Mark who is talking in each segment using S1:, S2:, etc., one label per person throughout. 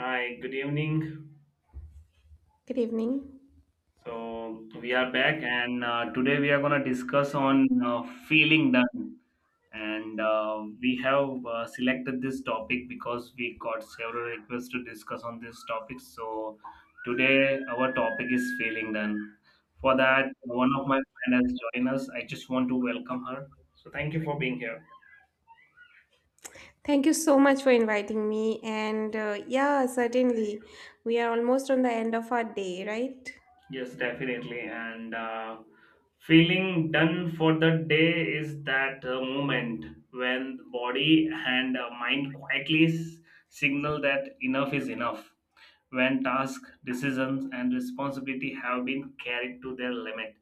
S1: Hi, good evening.
S2: Good evening.
S1: So we are back, and today we are going to discuss on feeling done. And we have selected this topic because we got several requests to discuss on this topic. So today our topic is feeling done. For that, one of my friend has joined us. I just want to welcome her. So thank you for being here.
S2: Thank you so much for inviting me. Certainly, we are almost on the end of our day, right?
S1: Yes, definitely. And feeling done for the day is that moment when the body and mind quietly signal that enough is enough. When tasks, decisions, and responsibility have been carried to their limit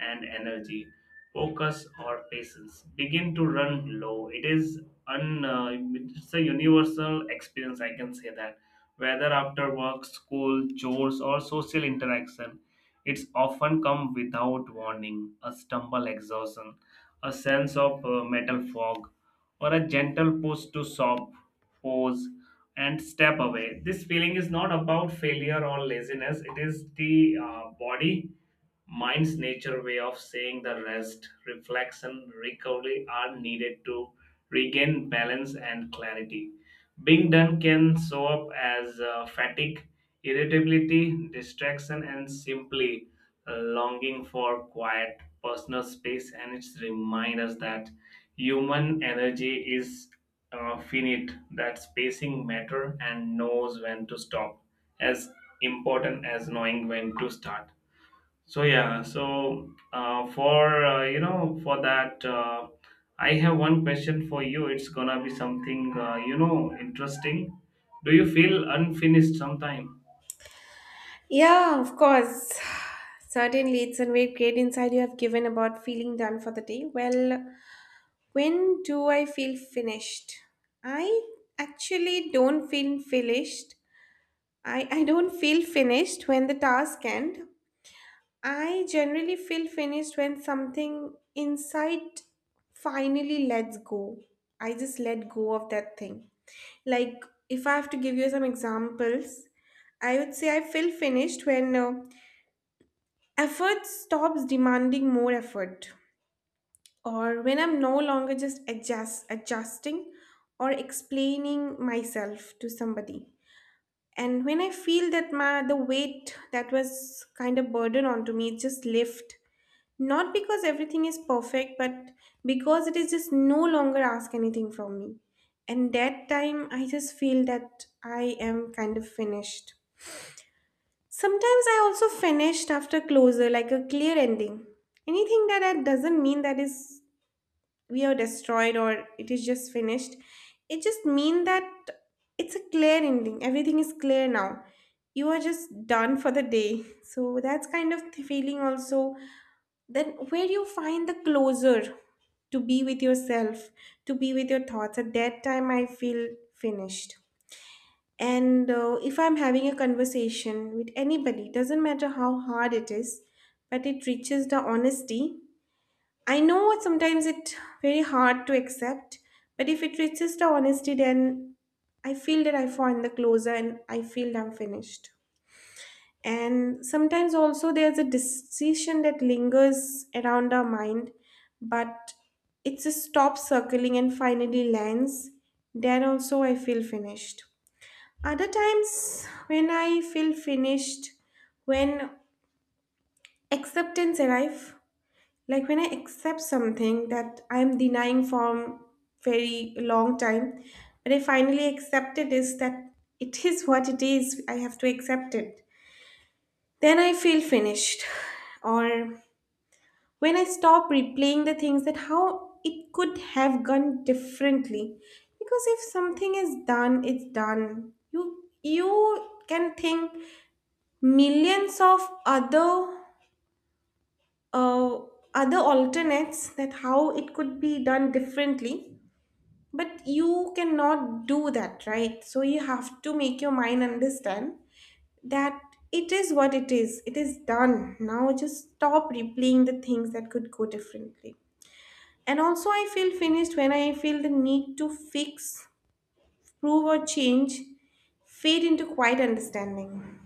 S1: and energy, focus or patience begin to run low. It is un, uh, it's a universal experience, I can say that. Whether after work, school, chores, or social interaction, it's often come without warning, a stumble exhaustion, a sense of metal fog, or a gentle push to stop, pause, and step away. This feeling is not about failure or laziness. It is the body, mind's nature way of saying the rest, reflection, recovery are needed to regain balance and clarity. Being done can show up as fatigue, irritability, distraction, and simply a longing for quiet personal space. And it's remind us that human energy is finite, that spacing matter and knows when to stop, as important as knowing when to start. So yeah, so for you know for that, I have one question for you. It's gonna be something interesting. Do you feel unfinished sometime?
S2: Yeah, of course. Certainly, it's a very great insight you have given about feeling done for the day. Well, when do I feel finished? I actually don't feel finished. I don't feel finished when the task ends. I generally feel finished when something inside finally lets go. I just let go of that thing. Like, if I have to give you some examples, I would say I feel finished when effort stops demanding more effort, or when I'm no longer just adjusting or explaining myself to somebody. And when I feel that my the weight that was kind of burden onto me just lift. Not because everything is perfect, but because it is just no longer ask anything from me. And that time, I just feel that I am kind of finished. Sometimes I also finished after closure, like a clear ending. Doesn't mean that is we are destroyed or it is just finished. It just mean that it's a clear ending. Everything is clear now. You are just done for the day. So that's kind of the feeling also, then where you find the closer, to be with yourself, to be with your thoughts. At that time I feel finished. And if I'm having a conversation with anybody, doesn't matter how hard it is, but it reaches the honesty. I know sometimes it's very hard to accept, but if it reaches the honesty, then I feel that I find the closer and I feel I'm finished. And sometimes also there's a decision that lingers around our mind, but it's a stop circling and finally lands. Then also I feel finished. Other times when I feel finished, when acceptance arrive, like when I accept something that I'm denying for very long time, but I finally accept it, is that it is what it is. I have to accept it, then I feel finished. Or when I stop replaying the things that how it could have gone differently. Because if something is done, it's done. You can think millions of other uh, other alternates that how it could be done differently. But you cannot do that, right? So you have to make your mind understand that it is what it is. It is done. Now just stop replaying the things that could go differently. And also, I feel finished when I feel the need to fix, prove, or change fade into quiet understanding.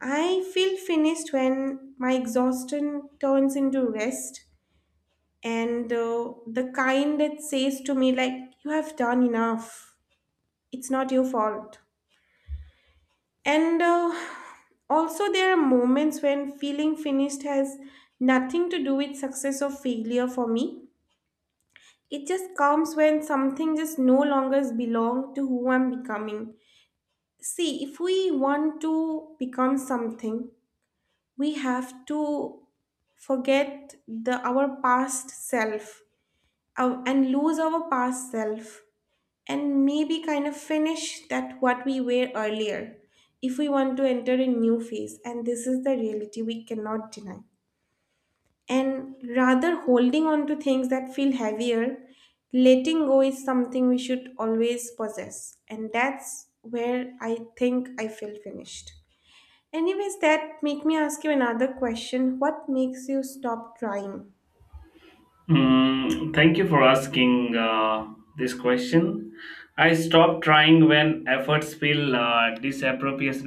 S2: I feel finished when my exhaustion turns into rest and the kind that says to me, like, you have done enough. It's not your fault. And Also, there are moments when feeling finished has nothing to do with success or failure for me. It just comes when something just no longer belongs to who I'm becoming. See, if we want to become something, we have to forget the our past self and lose our past self and maybe kind of finish that what we were earlier if we want to enter a new phase. And this is the reality we cannot deny, and rather holding on to things that feel heavier, letting go is something we should always possess. And that's where I think I feel finished. Anyways, that make me ask you another question: what makes you stop trying?
S1: Mm, thank you for asking this question. I stop trying when efforts feel disappropriate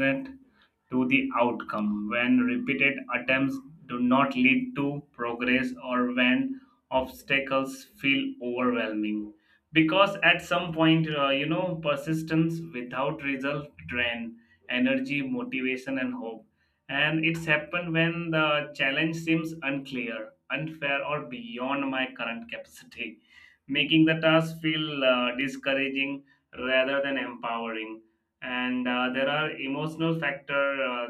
S1: to the outcome, when repeated attempts do not lead to progress, or when obstacles feel overwhelming. Because at some point, persistence without result drain energy, motivation, and hope, and it's happened when the challenge seems unclear, unfair, or beyond my current capacity, making the task feel discouraging rather than empowering. And there are emotional factor,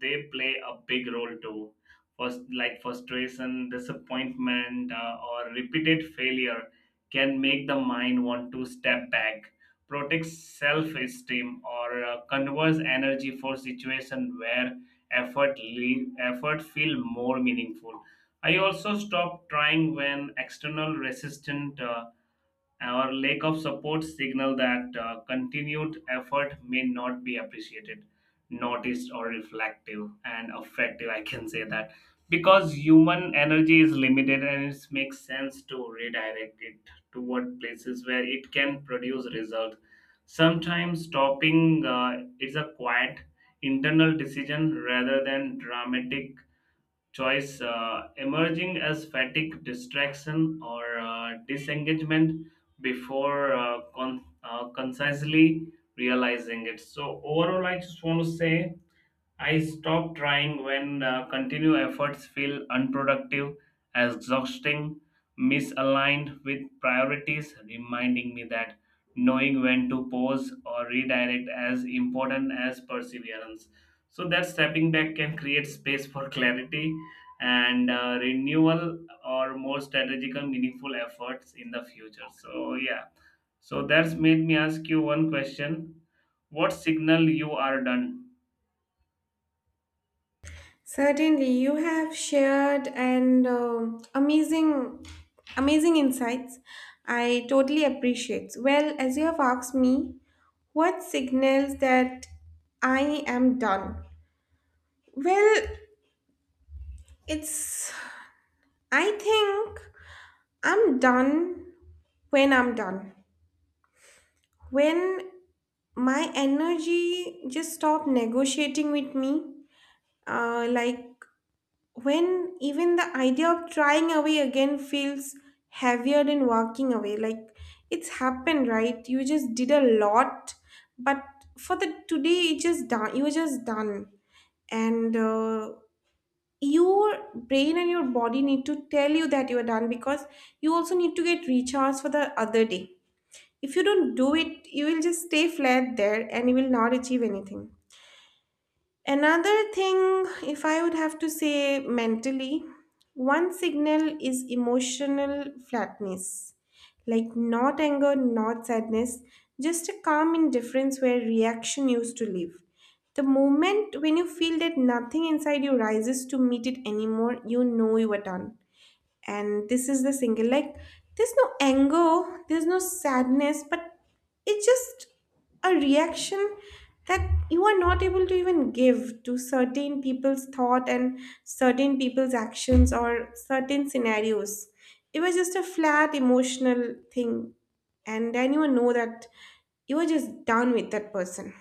S1: they play a big role too. First, like frustration, disappointment, or repeated failure can make the mind want to step back, protect self-esteem, or conserve energy for situation where effort feel more meaningful. I also stopped trying when external resistance. Our lack of support signal that continued effort may not be appreciated, noticed, or reflective and effective. I can say that because human energy is limited, and it makes sense to redirect it toward places where it can produce result. Sometimes stopping is a quiet internal decision rather than dramatic choice, emerging as fatigue, distraction, or disengagement before concisely realizing it. So, overall, I just want to say I stop trying when continued efforts feel unproductive, exhausting, misaligned with priorities, reminding me that knowing when to pause or redirect as important as perseverance. So that stepping back can create space for clarity and renewal or more strategic and meaningful efforts in the future. So yeah, so that's made me ask you one question: what signal you are done?
S2: Certainly you have shared and amazing, amazing insights. I totally appreciate. Well, as you have asked me, what signals that I am done. Well, it's, I think I'm done I'm done. When my energy just stop negotiating with me, like when even the idea of trying away again feels heavier than walking away. Like it's happened, right? You just did a lot, but for the today, it just done. You were just done, and your brain and your body need to tell you that you are done because you also need to get recharged for the other day. If you don't do it, you will just stay flat there and you will not achieve anything. Another thing, if I would have to say mentally, one signal is emotional flatness. Like not anger, not sadness, just a calm indifference where reaction used to live. The moment when you feel that nothing inside you rises to meet it anymore, you know you are done. And this is the single, like there's no anger, there's no sadness, but it's just a reaction that you are not able to even give to certain people's thought and certain people's actions or certain scenarios. It was just a flat emotional thing, and then you know that you were just done with that person.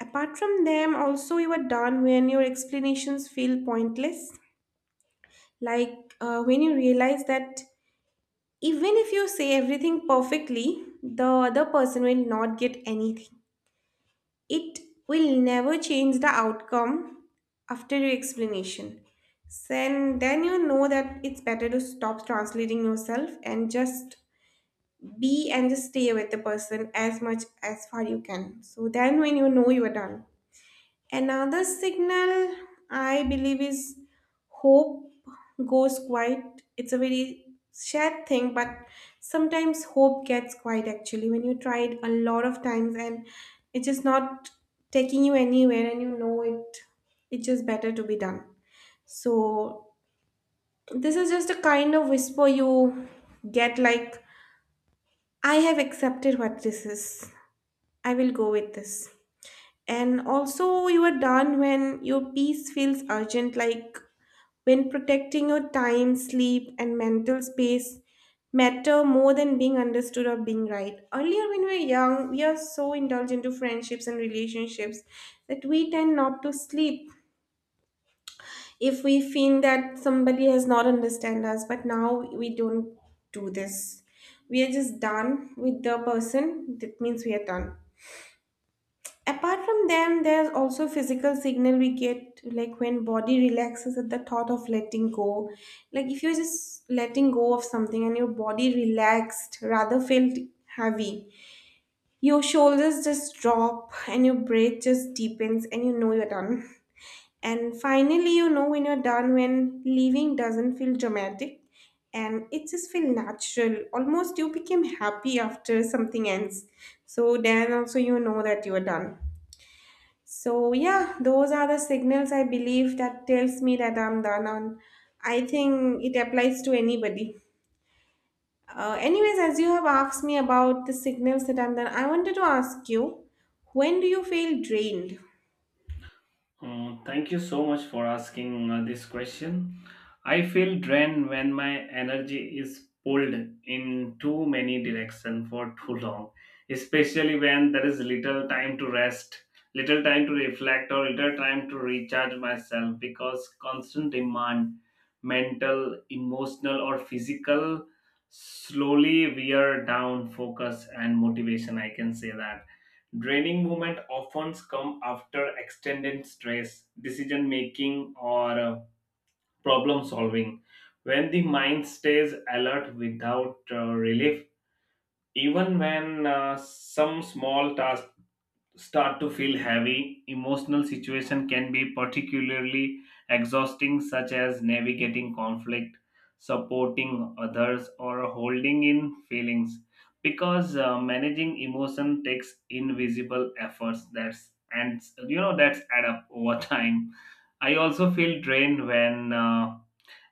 S2: Apart from them, also you are done when your explanations feel pointless. Like when you realize that even if you say everything perfectly, the other person will not get anything. It will never change the outcome after your explanation. Then you know that it's better to stop translating yourself and just be and just stay with the person as much as far you can. So then when you know you are done. Another signal I believe is hope goes quiet. It's a very sad thing, but sometimes hope gets quiet actually when you try it a lot of times and it's just not taking you anywhere and you know it. It's just better to be done. So this is just a kind of whisper you get, like, I have accepted what this is. I will go with this. And also, you are done when your peace feels urgent, like when protecting your time, sleep, and mental space matter more than being understood or being right. Earlier, when we were young, we are so indulgent to friendships and relationships that we tend not to sleep if we feel that somebody has not understand us. But now we don't do this. We are just done with the person. That means we are done. Apart from them, there's also physical signal we get, like when body relaxes at the thought of letting go. Like if you're just letting go of something and your body relaxed, rather felt heavy, your shoulders just drop and your breath just deepens and you know you're done. And finally, you know when you're done, when leaving doesn't feel dramatic and it just feel natural. Almost you became happy after something ends. So then also you know that you're done. So yeah, those are the signals I believe that tells me that I'm done on. I think it applies to anybody. Anyways, as you have asked me about the signals that I'm done, I wanted to ask you, when do you feel drained?
S1: Thank you so much for asking this question. I feel drained when my energy is pulled in too many directions for too long, especially when there is little time to rest, little time to reflect, or little time to recharge myself because constant demand, mental, emotional, or physical, slowly wear down focus and motivation. I can say that draining moments often come after extended stress, decision making, or problem solving. When the mind stays alert without relief, even when some small tasks start to feel heavy, emotional situation can be particularly exhausting, such as navigating conflict, supporting others, or holding in feelings. Because managing emotion takes invisible efforts that's, and that's add up over time. I also feel drained when.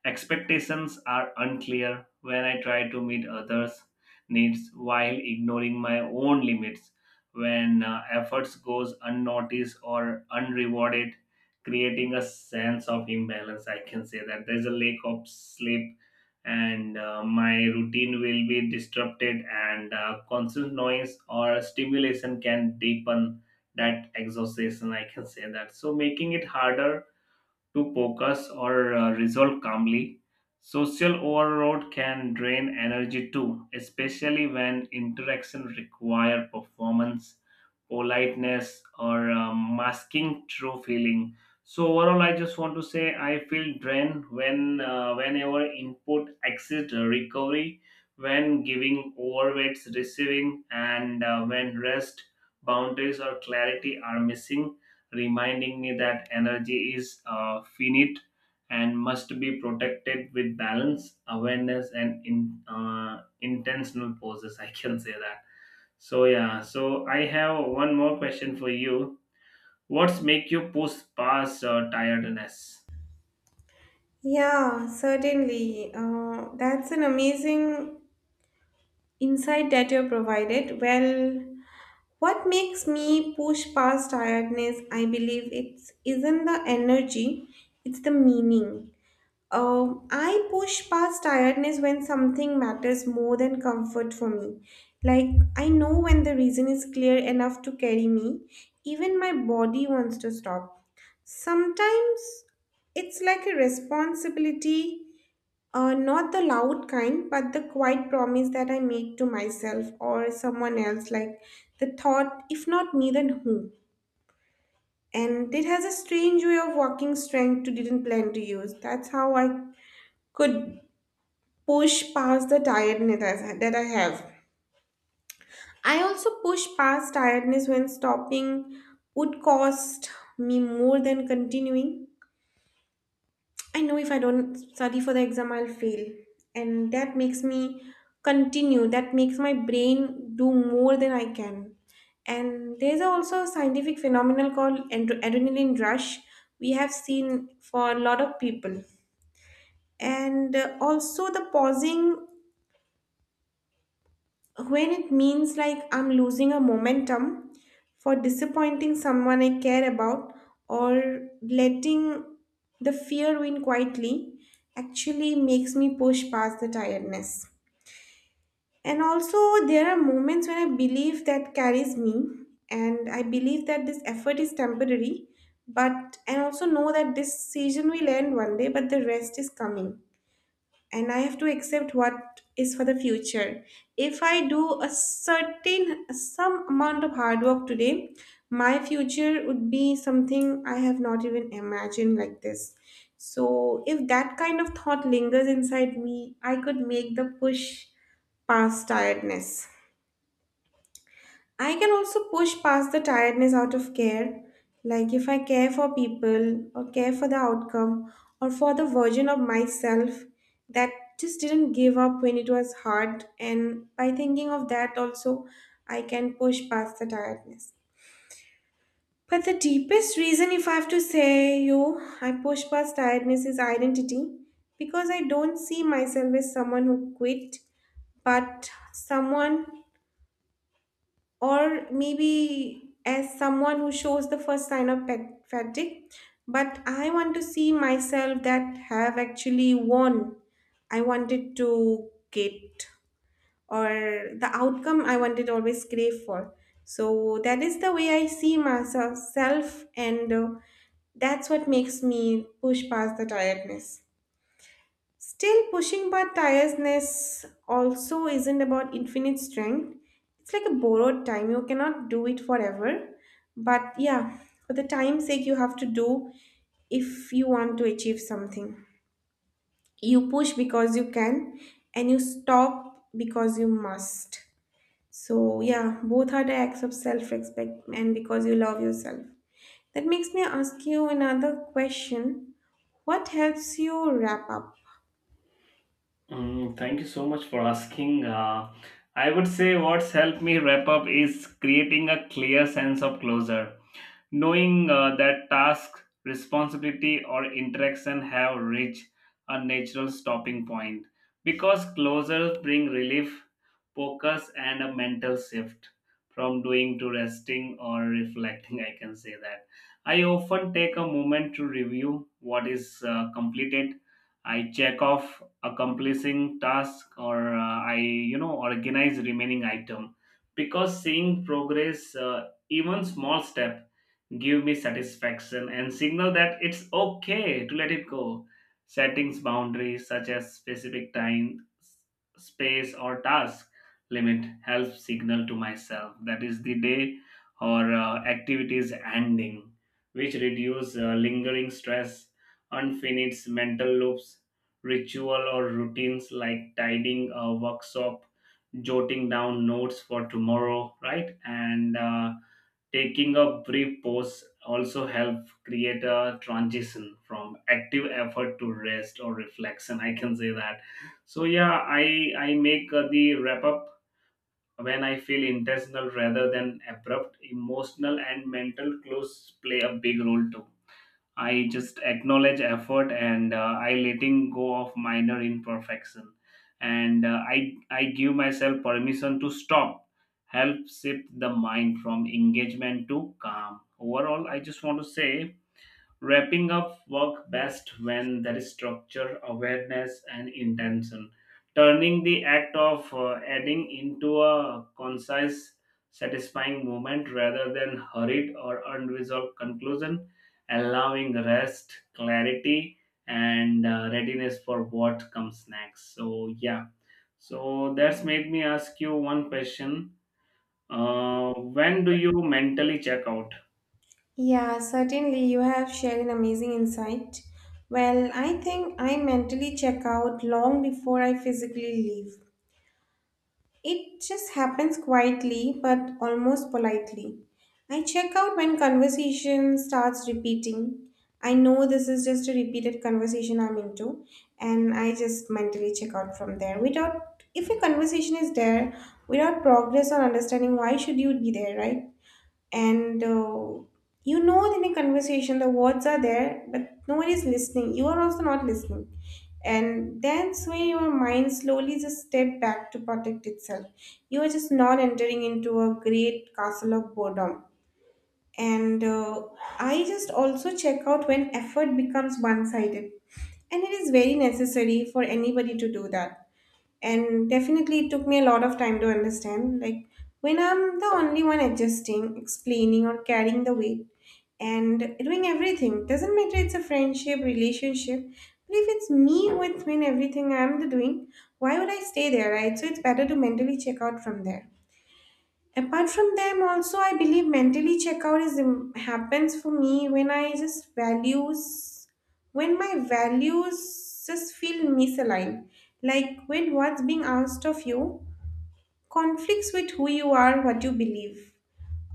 S1: Expectations are unclear when I try to meet others' needs while ignoring my own limits. When efforts goes unnoticed or unrewarded, creating a sense of imbalance, I can say that there's a lack of sleep and my routine will be disrupted, and constant noise or stimulation can deepen that exhaustion, I can say that, so making it harder to focus or resolve calmly. Social overload can drain energy too, especially when interactions require performance, politeness, or masking true feeling. So overall, I just want to say I feel drained when whenever input exit recovery, when giving overweights receiving, and when rest boundaries or clarity are missing, reminding me that energy is finite and must be protected with balance, awareness, and intentional poses. I can say that. So yeah. So I have one more question for you. What's make you push past tiredness?
S2: Yeah, certainly. That's an amazing insight that you provided. Well, what makes me push past tiredness, I believe it's isn't the energy, it's the meaning. I push past tiredness when something matters more than comfort for me. Like, I know when the reason is clear enough to carry me, even my body wants to stop. Sometimes it's like a responsibility, not the loud kind, but the quiet promise that I make to myself or someone else. Like, the thought, if not me, then who? And it has a strange way of walking strength to didn't plan to use. That's how I could push past the tiredness as- that I have. I also push past tiredness when stopping would cost me more than continuing. I know if I don't study for the exam, I'll fail. And that makes me continue, that makes my brain do more than I can. And there's also a scientific phenomenon called andro- adrenaline rush we have seen for a lot of people. And also the pausing when it means like I'm losing a momentum for disappointing someone I care about or letting the fear win quietly actually makes me push past the tiredness. And also, there are moments when I believe that carries me, and I believe that this effort is temporary, but and also know that this season will end one day, but the rest is coming and I have to accept what is for the future. If I do a certain some amount of hard work today, my future would be something I have not even imagined like this. So if that kind of thought lingers inside me, I could make the push past tiredness. I can also push past the tiredness out of care. Like if I care for people or care for the outcome or for the version of myself that just didn't give up when it was hard. And by thinking of that also, I can push past the tiredness. But the deepest reason, if I have to say you, I push past tiredness is identity because I don't see myself as someone who quit, but someone, or maybe as someone who shows the first sign of pet fatigue, but I want to see myself that have actually won. I wanted to get, or the outcome I wanted always crave for. So that is the way I see myself self, and that's what makes me push past the tiredness. Still, pushing by tiredness also isn't about infinite strength. It's like a borrowed time. You cannot do it forever. But yeah, for the time's sake, you have to do if you want to achieve something. You push because you can, and you stop because you must. So, yeah, both are the acts of self respect and because you love yourself. That makes me ask you another question. What helps you wrap up?
S1: Mm, thank you so much for asking. I would say what's helped me wrap up is creating a clear sense of closure, knowing that task, responsibility, or interaction have reached a natural stopping point because closures bring relief, focus, and a mental shift from doing to resting or reflecting. I can say that. I often take a moment to review what is completed. I check off accomplishing task, or I organize remaining item because seeing progress, even small step, give me satisfaction and signal that it's okay to let it go. Settings boundaries such as specific time, space, or task limit helps signal to myself that is the day or activities ending, which reduce lingering stress, unfinished mental loops. Ritual or routines like tidying a workshop, jotting down notes for tomorrow, right? And taking a brief pause also help create a transition from active effort to rest or reflection, I can say that. So yeah, I make the wrap up when I feel intentional rather than abrupt. Emotional and mental close play a big role too. I just acknowledge effort, and I letting go of minor imperfection, and I give myself permission to stop. Help shift the mind from engagement to calm. Overall, I just want to say wrapping up work best when there is structure, awareness, and intention. Turning the act of adding into a concise, satisfying moment rather than hurried or unresolved conclusion, allowing rest, clarity, and readiness for what comes next. So, yeah. So, that's made me ask you one question. When do you mentally check out?
S2: Yeah, certainly you have shared an amazing insight. Well, I think I mentally check out long before I physically leave. It just happens quietly but almost politely. I check out when conversation starts repeating. I know this is just a repeated conversation I'm into, and I just mentally check out from there. Without, if a conversation is there, without progress or understanding, why should you be there, right? and You know that in a conversation the words are there but nobody is listening, you are also not listening, and that's where your mind slowly just step back to protect itself. You are just not entering into a great castle of boredom, and I just also check out when effort becomes one-sided, and it is very necessary for anybody to do that. And definitely it took me a lot of time to understand, like when I'm the only one adjusting, explaining, or carrying the weight and doing everything. Doesn't matter, it's a friendship, relationship, but if it's me with doing everything, I'm the doing, why would I stay there, right? So it's better to mentally check out from there. Apart from them, also I believe mentally checkout happens for me when I just values when my values just feel misaligned. Like when what's being asked of you conflicts with who you are, what you believe.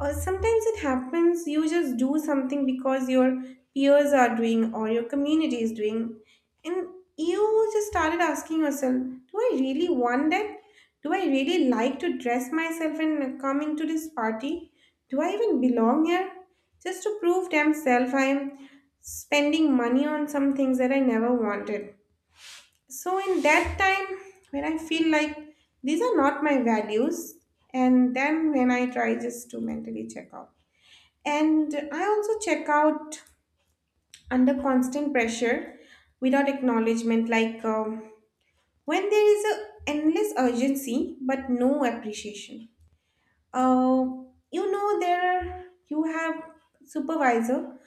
S2: Or sometimes it happens you just do something because your peers are doing or your community is doing, and you just started asking yourself, do I really want that? Do I really like to dress myself and come into this party? Do I even belong here? Just to prove themselves, I am spending money on some things that I never wanted. So, in that time, when I feel like these are not my values, and then when I try just to mentally check out. And I also check out under constant pressure without acknowledgement, like when there is a endless urgency but no appreciation. Uh, you know there are, you have supervisor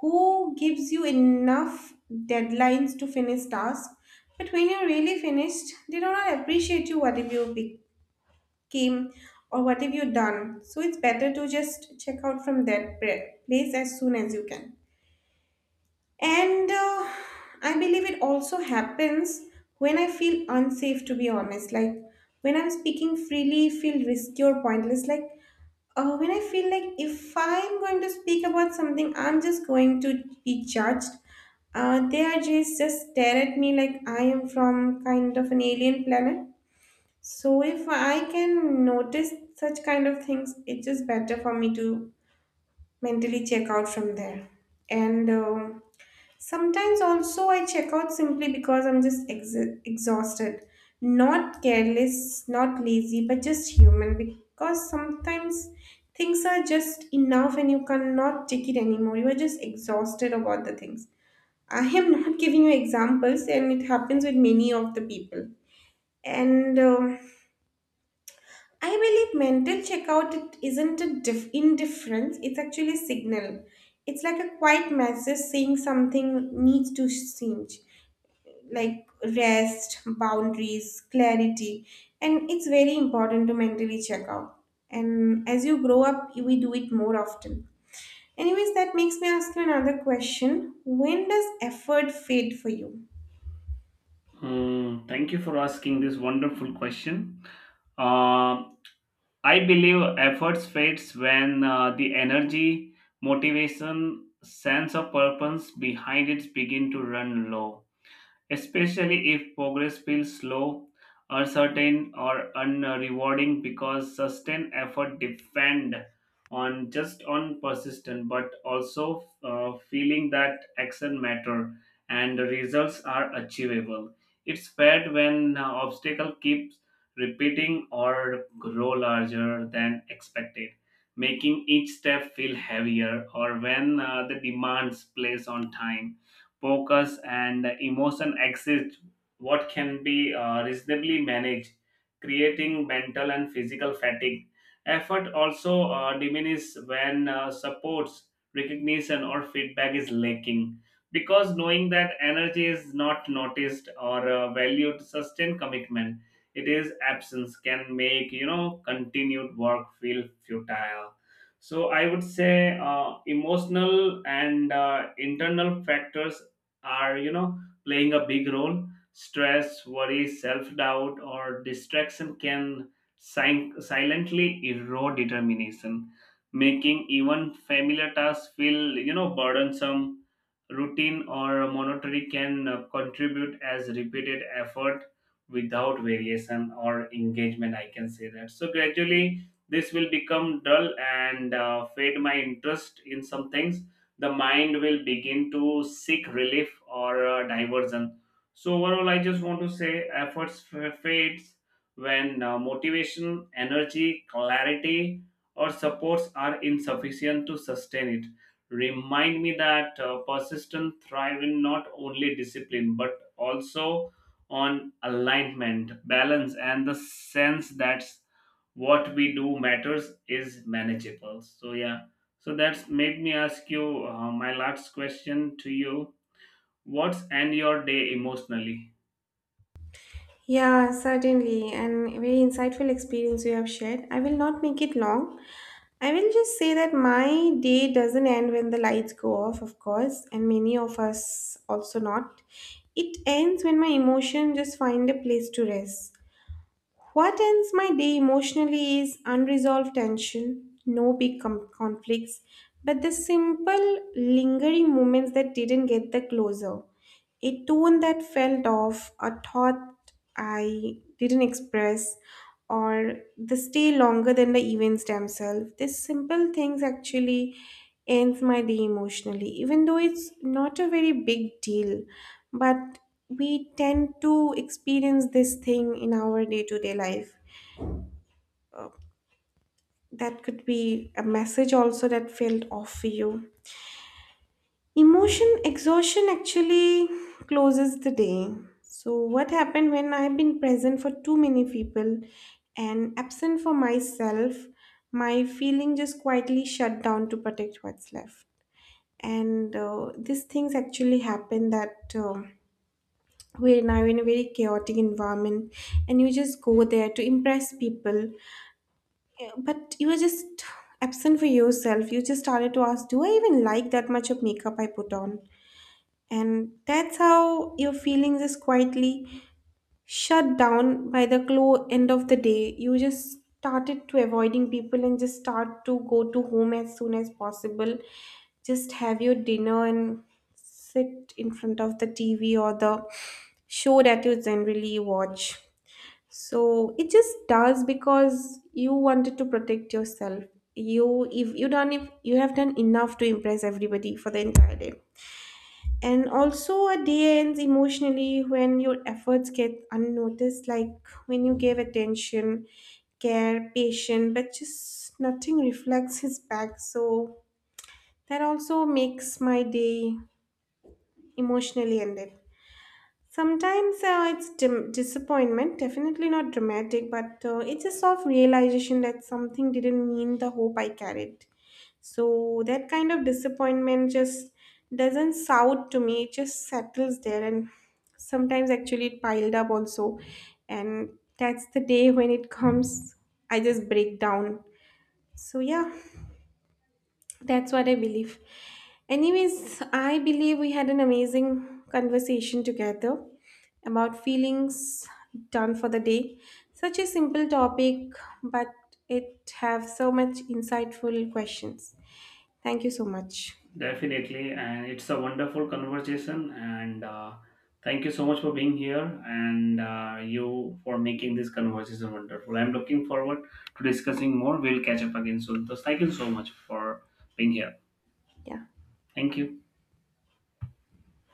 S2: who gives you enough deadlines to finish tasks, but when you're really finished, they do not appreciate you what if you became or what have you done. So it's better to just check out from that place as soon as you can. And I believe it also happens when I feel unsafe, to be honest. Like when I'm speaking freely, feel risky or pointless. Like when I feel like if I'm going to speak about something, I'm just going to be judged. They are just stare at me like I am from kind of an alien planet. So if I can notice such kind of things, it's just better for me to mentally check out from there. And Sometimes also I check out simply because I'm just exhausted. Not careless, not lazy, but just human because sometimes things are just enough and you cannot take it anymore. You are just exhausted about the things. I am not giving you examples and it happens with many of the people. And I believe mental checkout it isn't a indifference, it's actually a signal. It's like a quiet message saying something needs to change, like rest, boundaries, clarity, and it's very important to mentally check out. And as you grow up, we do it more often. Anyways, that makes me ask you another question. When does effort fade for you?
S1: Mm, thank you for asking this wonderful question. Uh, I believe efforts fades when the energy, motivation, sense of purpose behind it begin to run low, especially if progress feels slow, uncertain, or unrewarding because sustained effort depend on, just on persistence, but also feeling that action matter and the results are achievable. It's bad when obstacle keeps repeating or grow larger than expected, making each step feel heavier, or when the demands place on time, focus, and emotion exceeds what can be reasonably managed, creating mental and physical fatigue. Effort also diminishes when supports, recognition, or feedback is lacking. Because knowing that energy is not noticed or valued, sustained commitment, it is absence can make continued work feel futile. So I would say emotional and internal factors are playing a big role. Stress, worry, self-doubt, or distraction can silently erode determination, making even familiar tasks feel burdensome. Routine or monotony can contribute as repeated effort without variation or engagement, I can say that, so gradually this will become dull and fade my interest in some things. The mind will begin to seek relief or diversion. So, overall, I just want to say fades when motivation, energy, clarity, or supports are insufficient to sustain it. Remind me that persistent thrive in not only discipline but also on alignment, balance, and the sense that what we do matters is manageable. So, yeah. So that's made me ask you my last question to you. What's end your day emotionally?
S2: Yeah, certainly, and very insightful experience you have shared. I will not make it long. I will just say that my day doesn't end when the lights go off, of course, and many of us also not. It ends when my emotion just find a place to rest. What ends my day emotionally is unresolved tension, no big conflicts, but the simple lingering moments that didn't get the closer, a tone that felt off, a thought I didn't express, or the stay longer than the events themselves. These simple things actually ends my day emotionally, even though it's not a very big deal. But we tend to experience this thing in our day to day life. Uh, that could be a message also that felt off for you. Emotion exhaustion actually closes the day. So, what happened when I've been present for too many people and absent for myself? My feeling just quietly shut down to protect what's left. And these things actually happen that we're now in a very chaotic environment and you just go there to impress people. Yeah, but you are just absent for yourself. You just started to ask, do I even like that much of makeup I put on? And that's how your feelings is quietly shut down by the clo end of the day. You just started to avoiding people and just start to go to home as soon as possible. Just have your dinner and sit in front of the TV or the show that you generally watch. So it just does because you wanted to protect yourself. You if you have done enough to impress everybody for the entire day. And also, a day ends emotionally when your efforts get unnoticed, like when you gave attention, care, patience, but just nothing reflects his back. So that also makes my day emotionally ended. Sometimes it's disappointment, definitely not dramatic, but it's a soft realization that something didn't mean the hope I carried. So that kind of disappointment just doesn't sound to me, it just settles there. And sometimes actually it piled up also. And that's the day when it comes, I just break down. So yeah. That's what I believe. Anyways, I believe we had an amazing conversation together about feelings done for the day. Such a simple topic, but it have so much insightful questions. Thank you so much.
S1: Definitely, and it's a wonderful conversation. And thank you so much for being here and you for making this conversation wonderful. I'm looking forward to discussing more. We'll catch up again soon. So thank you so much for being here.
S2: Yeah.
S1: Thank you.